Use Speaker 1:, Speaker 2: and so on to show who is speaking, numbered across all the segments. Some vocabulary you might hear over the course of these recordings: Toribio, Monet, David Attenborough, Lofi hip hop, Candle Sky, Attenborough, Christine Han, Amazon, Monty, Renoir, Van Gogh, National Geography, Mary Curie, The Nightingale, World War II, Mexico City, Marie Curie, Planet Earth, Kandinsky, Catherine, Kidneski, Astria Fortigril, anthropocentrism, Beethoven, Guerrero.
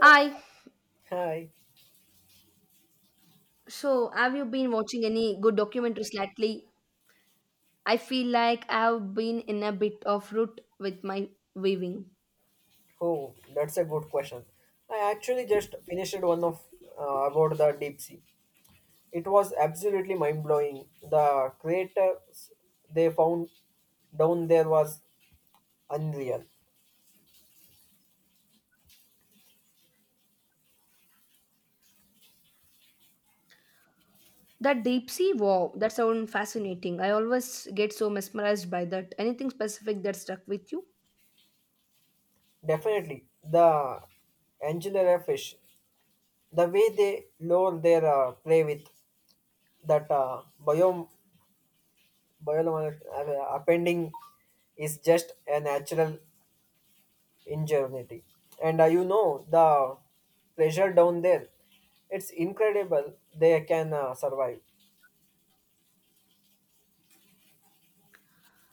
Speaker 1: Hi.
Speaker 2: Hi.
Speaker 1: So, have you been watching any good documentaries lately? I feel like I've been in a bit of rut with my weaving.
Speaker 2: Oh, that's a good question. I actually just finished one of about the deep sea. It was absolutely mind blowing. The craters they found down there was unreal.
Speaker 1: That deep sea wow, that sounds fascinating. I always get so mesmerized by that. Anything specific that stuck with you?
Speaker 2: Definitely, the angulary fish, the way they lure their prey with that biome biolom appending is just a natural in Germany. And the pressure down there, it's incredible they can survive.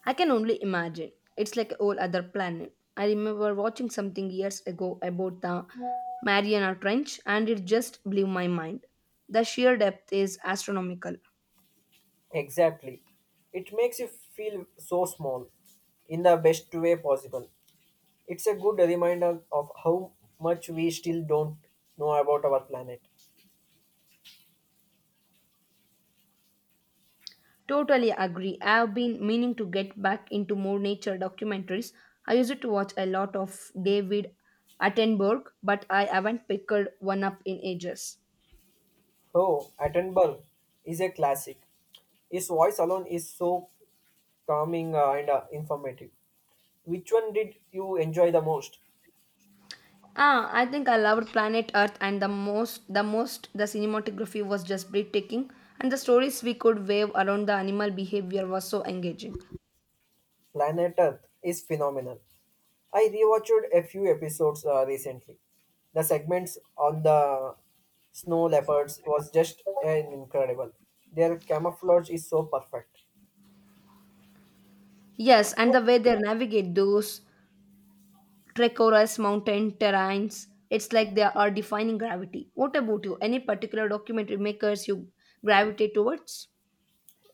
Speaker 1: I can only imagine. It's like a whole other planet. I remember watching something years ago about the Mariana Trench and it just blew my mind. The sheer depth is astronomical.
Speaker 2: Exactly. It makes you feel so small in the best way possible. It's a good reminder of how much we still don't know about our planet.
Speaker 1: Totally agree. I've been meaning to get back into more nature documentaries. I used to watch a lot of David Attenborough, but I haven't picked one up in ages.
Speaker 2: Oh, Attenborough is a classic. His voice alone is so calming and informative. Which one did you enjoy the most?
Speaker 1: Ah, I think I loved Planet Earth and the most the most the cinematography was just breathtaking and the stories we could wave around the animal behavior was so engaging.
Speaker 2: Planet Earth is phenomenal. I rewatched a few episodes recently. The segments on the snow leopards was just an incredible. Their camouflage is so perfect.
Speaker 1: Yes, and the way they navigate those treacherous mountain terrains. It's like they are defining gravity. What about you? Any particular documentary makers you gravitate towards?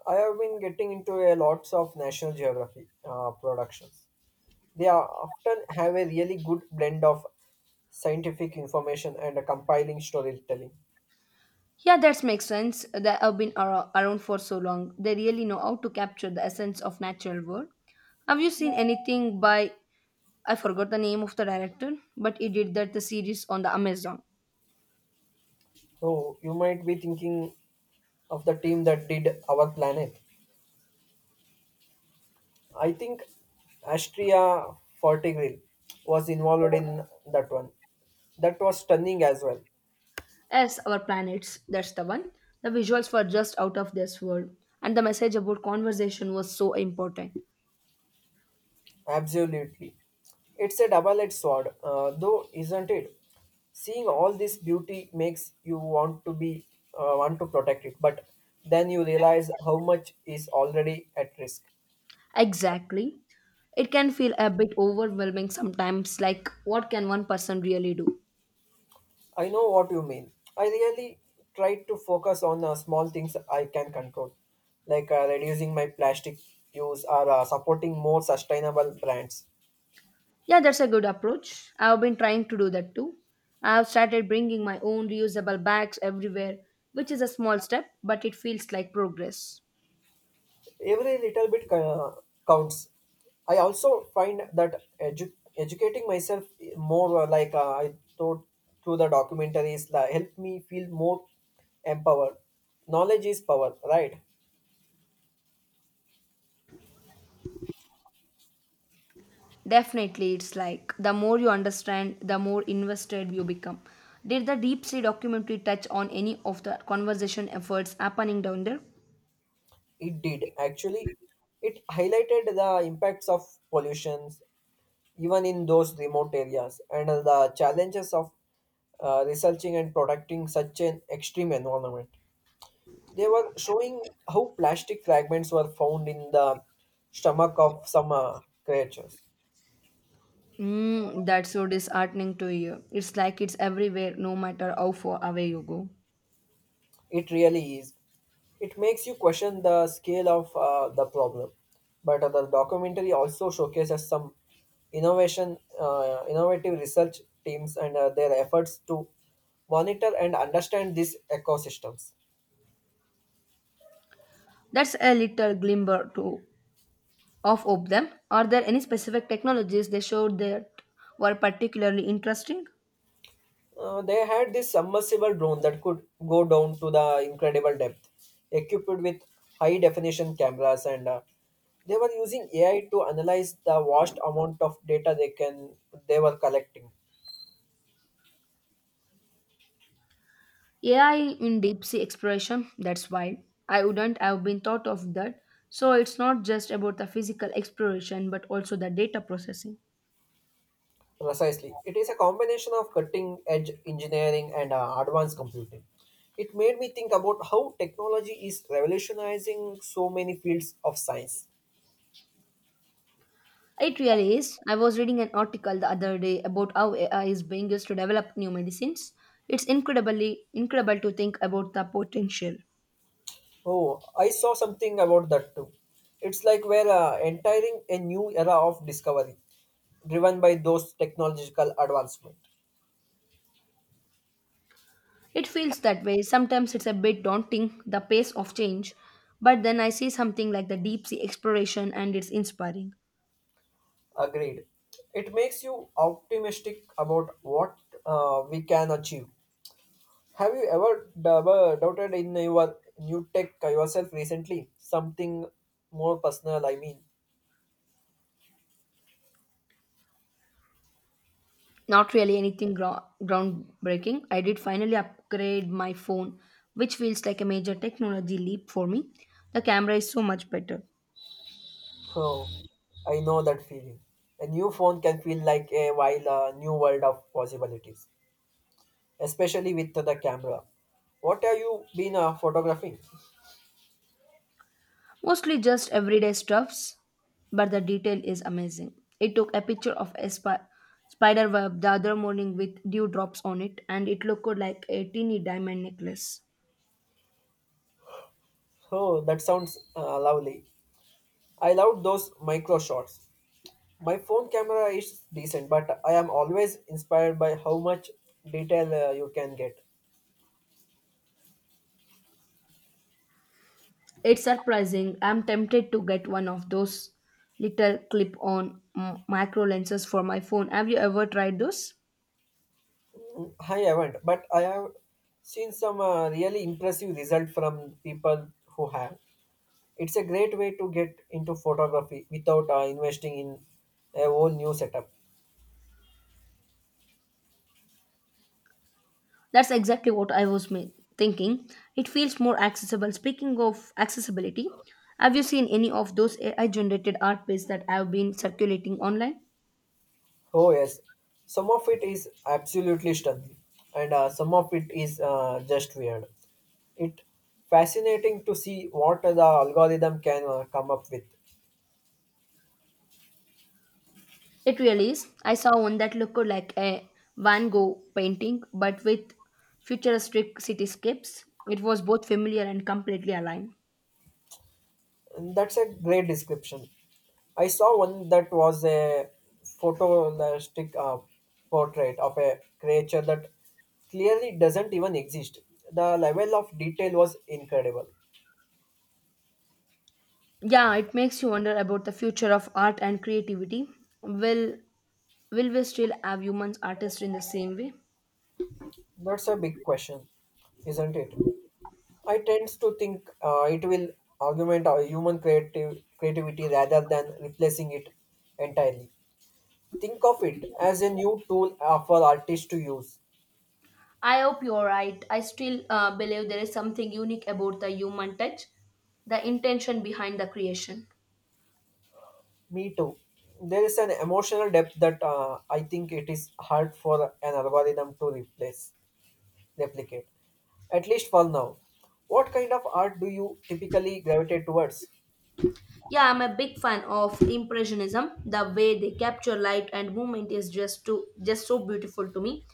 Speaker 2: I have been getting into a lots of National Geography productions. They are often have a really good blend of scientific information and a compiling storytelling.
Speaker 1: Yeah, that makes sense. They have been around for so long. They really know how to capture the essence of natural world. Have you seen anything by I forgot the name of the director, but he did that the series on the Amazon.
Speaker 2: So you might be thinking of the team that did our planet. I think Astria Fortigril was involved in that one. That was stunning as well.
Speaker 1: Yes, our planets. That's the one. The visuals were just out of this world, and the message about conversation was so important.
Speaker 2: Absolutely. It's a double edged sword, though, isn't it? Seeing all this beauty makes you want to be want to protect it, but then you realize how much is already at risk.
Speaker 1: Exactly. It can feel a bit overwhelming sometimes, like what can one person really do?
Speaker 2: I know what you mean. I really try to focus on small things I can control, like reducing my plastic use or supporting more sustainable brands.
Speaker 1: Yeah, that's a good approach. I've been trying to do that too. I've started bringing my own reusable bags everywhere, which is a small step, but it feels like progress.
Speaker 2: Every little bit counts. I also find that educating myself more, like I thought through the documentaries, helped me feel more empowered. Knowledge is power, right?
Speaker 1: Definitely, it's like the more you understand, the more invested you become. Did the Deep Sea documentary touch on any of the conservation efforts happening down there?
Speaker 2: It did actually. It highlighted the impacts of pollution even in those remote areas and the challenges of researching and protecting such an extreme environment. They were showing how plastic fragments were found in the stomach of some creatures.
Speaker 1: Mm, that's so disheartening to hear. It's like it's everywhere, no matter how far away you go.
Speaker 2: It really is. It makes you question the scale of the problem. But the documentary also showcases some innovative research teams and their efforts to monitor and understand these ecosystems.
Speaker 1: That's a little glimmer to of hope. Them are there any specific technologies they showed that were particularly interesting?
Speaker 2: They had this submersible drone that could go down to the incredible depth, equipped with high definition cameras, and they were using AI to analyze the vast amount of data they were collecting.
Speaker 1: AI in deep sea exploration. That's wild. I wouldn't have been thought of that. So it's not just about the physical exploration, but also the data processing.
Speaker 2: Precisely, it is a combination of cutting edge engineering and advanced computing. It made me think about how technology is revolutionizing so many fields of science.
Speaker 1: It really is. I was reading an article the other day about how AI is being used to develop new medicines. It's incredibly incredible to think about the potential.
Speaker 2: Oh, I saw something about that too. It's like we're entering a new era of discovery, driven by those technological advancement.
Speaker 1: It feels that way. Sometimes it's a bit daunting, the pace of change, but then I see something like the deep sea exploration and it's inspiring.
Speaker 2: Agreed. It makes you optimistic about what we can achieve. Have you ever doubted in your new tech yourself recently? Something more personal, I mean.
Speaker 1: Not really anything groundbreaking. I did finally upgrade my phone, which feels like a major technology leap for me. The camera is so much better.
Speaker 2: Oh, I know that feeling. A new phone can feel like a while a new world of possibilities. Especially with the camera. What have you been photographing?
Speaker 1: Mostly just everyday stuffs, but the detail is amazing. It took a picture of a spider web the other morning with dewdrops on it, and it looked like a teeny diamond necklace.
Speaker 2: Oh, that sounds lovely. I love those micro shots. My phone camera is decent, but I am always inspired by how much detail you can get.
Speaker 1: It's surprising. I'm tempted to get one of those little clip on macro lenses for my phone. Have you ever tried those?
Speaker 2: Mm, I haven't, but I have seen some really impressive result from people who have. It's a great way to get into photography without investing in a whole new setup.
Speaker 1: That's exactly what I was thinking. It feels more accessible. Speaking of accessibility, have you seen any of those AI generated art pieces that have been circulating online?
Speaker 2: Oh yes, some of it is absolutely stunning, and some of it is just weird. It fascinating to see what the algorithm can come up with.
Speaker 1: It really is. I saw one that looked like a Van Gogh painting, but with futuristic cityscapes. It was both familiar and completely aligned.
Speaker 2: And that's a great description. I saw one that was a photorealistic portrait of a creature that clearly doesn't even exist. The level of detail was incredible.
Speaker 1: Yeah, it makes you wonder about the future of art and creativity. Will will we still have humans artists in the same way?
Speaker 2: That's a big question, isn't it? I tend to think it will augment our human creative creativity rather than replacing it entirely. Think of it as a new tool for artists to use.
Speaker 1: I hope you're right. I still believe there is something unique about the human touch, the intention behind the creation.
Speaker 2: Me too. There is an emotional depth that I think it is hard for an algorithm to replicate. At least for now. What kind of art do you typically gravitate towards?
Speaker 1: Yeah, I'm a big fan of impressionism. The way they capture light and movement is just so beautiful to me.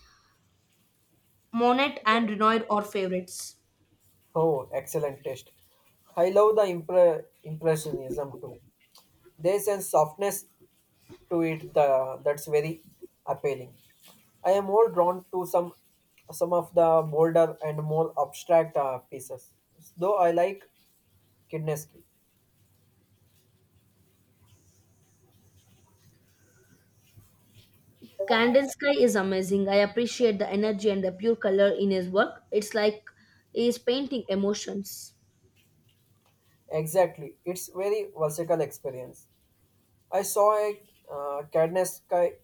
Speaker 1: Monet and Renoir are favorites.
Speaker 2: Oh, excellent taste. I love the impressionism too. There's a softness to it that's very appealing. I am more drawn to some of the bolder and more abstract pieces. Though I like Kidneski.
Speaker 1: Candle Sky is amazing. I appreciate the energy and the pure color in his work. It's like he's painting emotions.
Speaker 2: Exactly. It's very versatile experience. I saw a Kidneski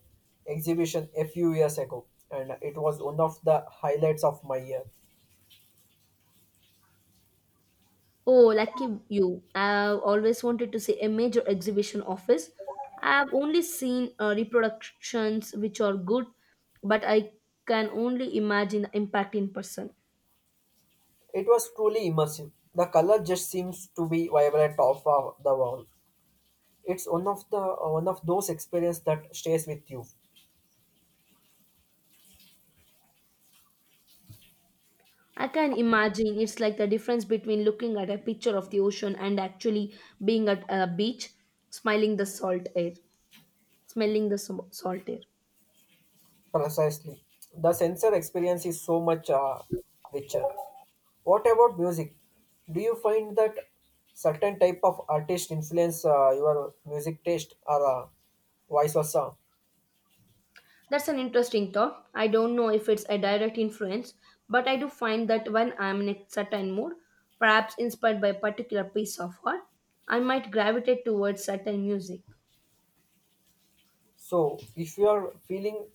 Speaker 2: exhibition a few years ago and it was one of the highlights of my year.
Speaker 1: Oh, lucky you. I've always wanted to see a major exhibition of his. I've only seen reproductions which are good, but I can only imagine the impact in person.
Speaker 2: It was truly immersive. The color just seems to be vibrant off of the wall. It's one of those experiences that stays with you.
Speaker 1: I can imagine it's like the difference between looking at a picture of the ocean and actually being at a beach, smiling the salt air, smelling the salt air.
Speaker 2: Precisely. The sensor experience is so much richer. What about music? Do you find that certain type of artist influence your music taste or vice versa?
Speaker 1: That's an interesting thought. I don't know if it's a direct influence, but I do find that when I'm in a certain mood, perhaps inspired by a particular piece of art, I might gravitate towards certain music.
Speaker 2: So, if you are feeling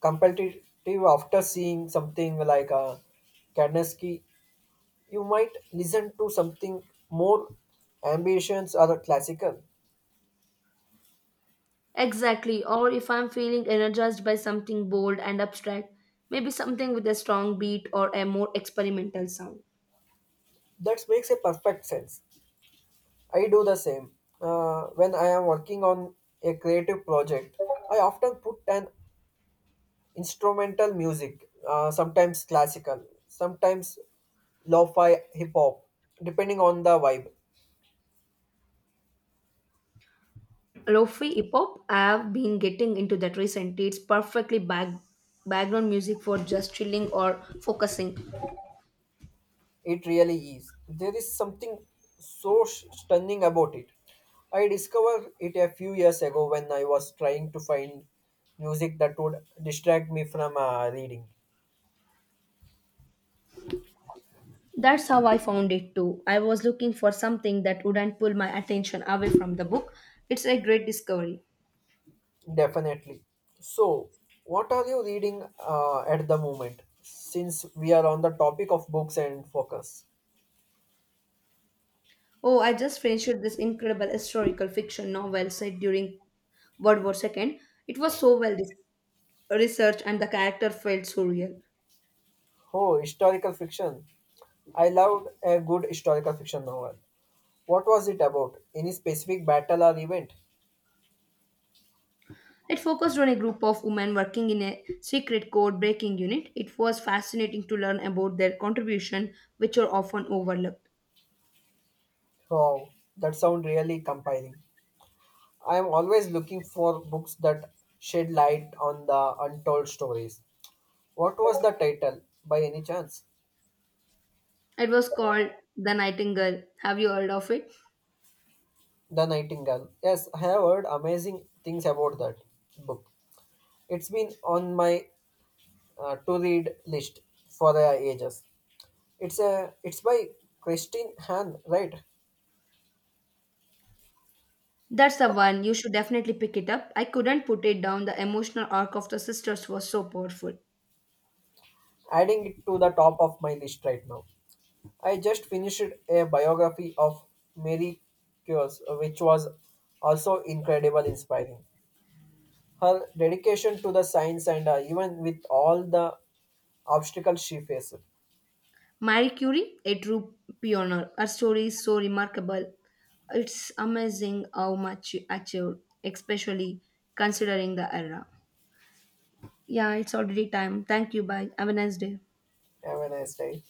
Speaker 2: competitive after seeing something like Kandinsky, you might listen to something more ambitions or classical.
Speaker 1: Exactly, or if I'm feeling energized by something bold and abstract, maybe something with a strong beat or a more experimental sound.
Speaker 2: That makes a perfect sense. I do the same. When I am working on a creative project, I often put an instrumental music, sometimes classical, sometimes lo-fi hip hop, depending on the vibe.
Speaker 1: Lofi hip hop. I've been getting into that recently. It's background music for just chilling or focusing.
Speaker 2: It really is. There is something so stunning about it. I discovered it a few years ago when I was trying to find music that would distract me from reading.
Speaker 1: That's how I found it too. I was looking for something that wouldn't pull my attention away from the book. It's a great discovery.
Speaker 2: Definitely. So, what are you reading at the moment? Since we are on the topic of books and focus.
Speaker 1: Oh, I just finished this incredible historical fiction novel set during World War II. It was so well researched and the character felt so real.
Speaker 2: Oh, historical fiction. I loved a good historical fiction novel. What was it about? Any specific battle or event?
Speaker 1: It focused on a group of women working in a secret code breaking unit. It was fascinating to learn about their contribution, which are often overlooked.
Speaker 2: Oh, that sounds really compelling. I am always looking for books that shed light on the untold stories. What was the title, by any chance?
Speaker 1: It was called The Nightingale. Have you heard of it?
Speaker 2: The Nightingale. Yes, I have heard amazing things about that book. It's been on my to-read list for ages. It's by Christine Han, right?
Speaker 1: That's the one. You should definitely pick it up. I couldn't put it down. The emotional arc of the sisters was so powerful.
Speaker 2: Adding it to the top of my list right now. I just finished a biography of Mary Curie, which was also incredible, inspiring. Her dedication to the science and even with all the obstacles she faced.
Speaker 1: Marie Curie, a true pioneer. Her story is so remarkable. It's amazing how much she achieved, especially considering the era. Yeah, it's already time. Thank you. Bye. Have a nice day.
Speaker 2: Have a nice day.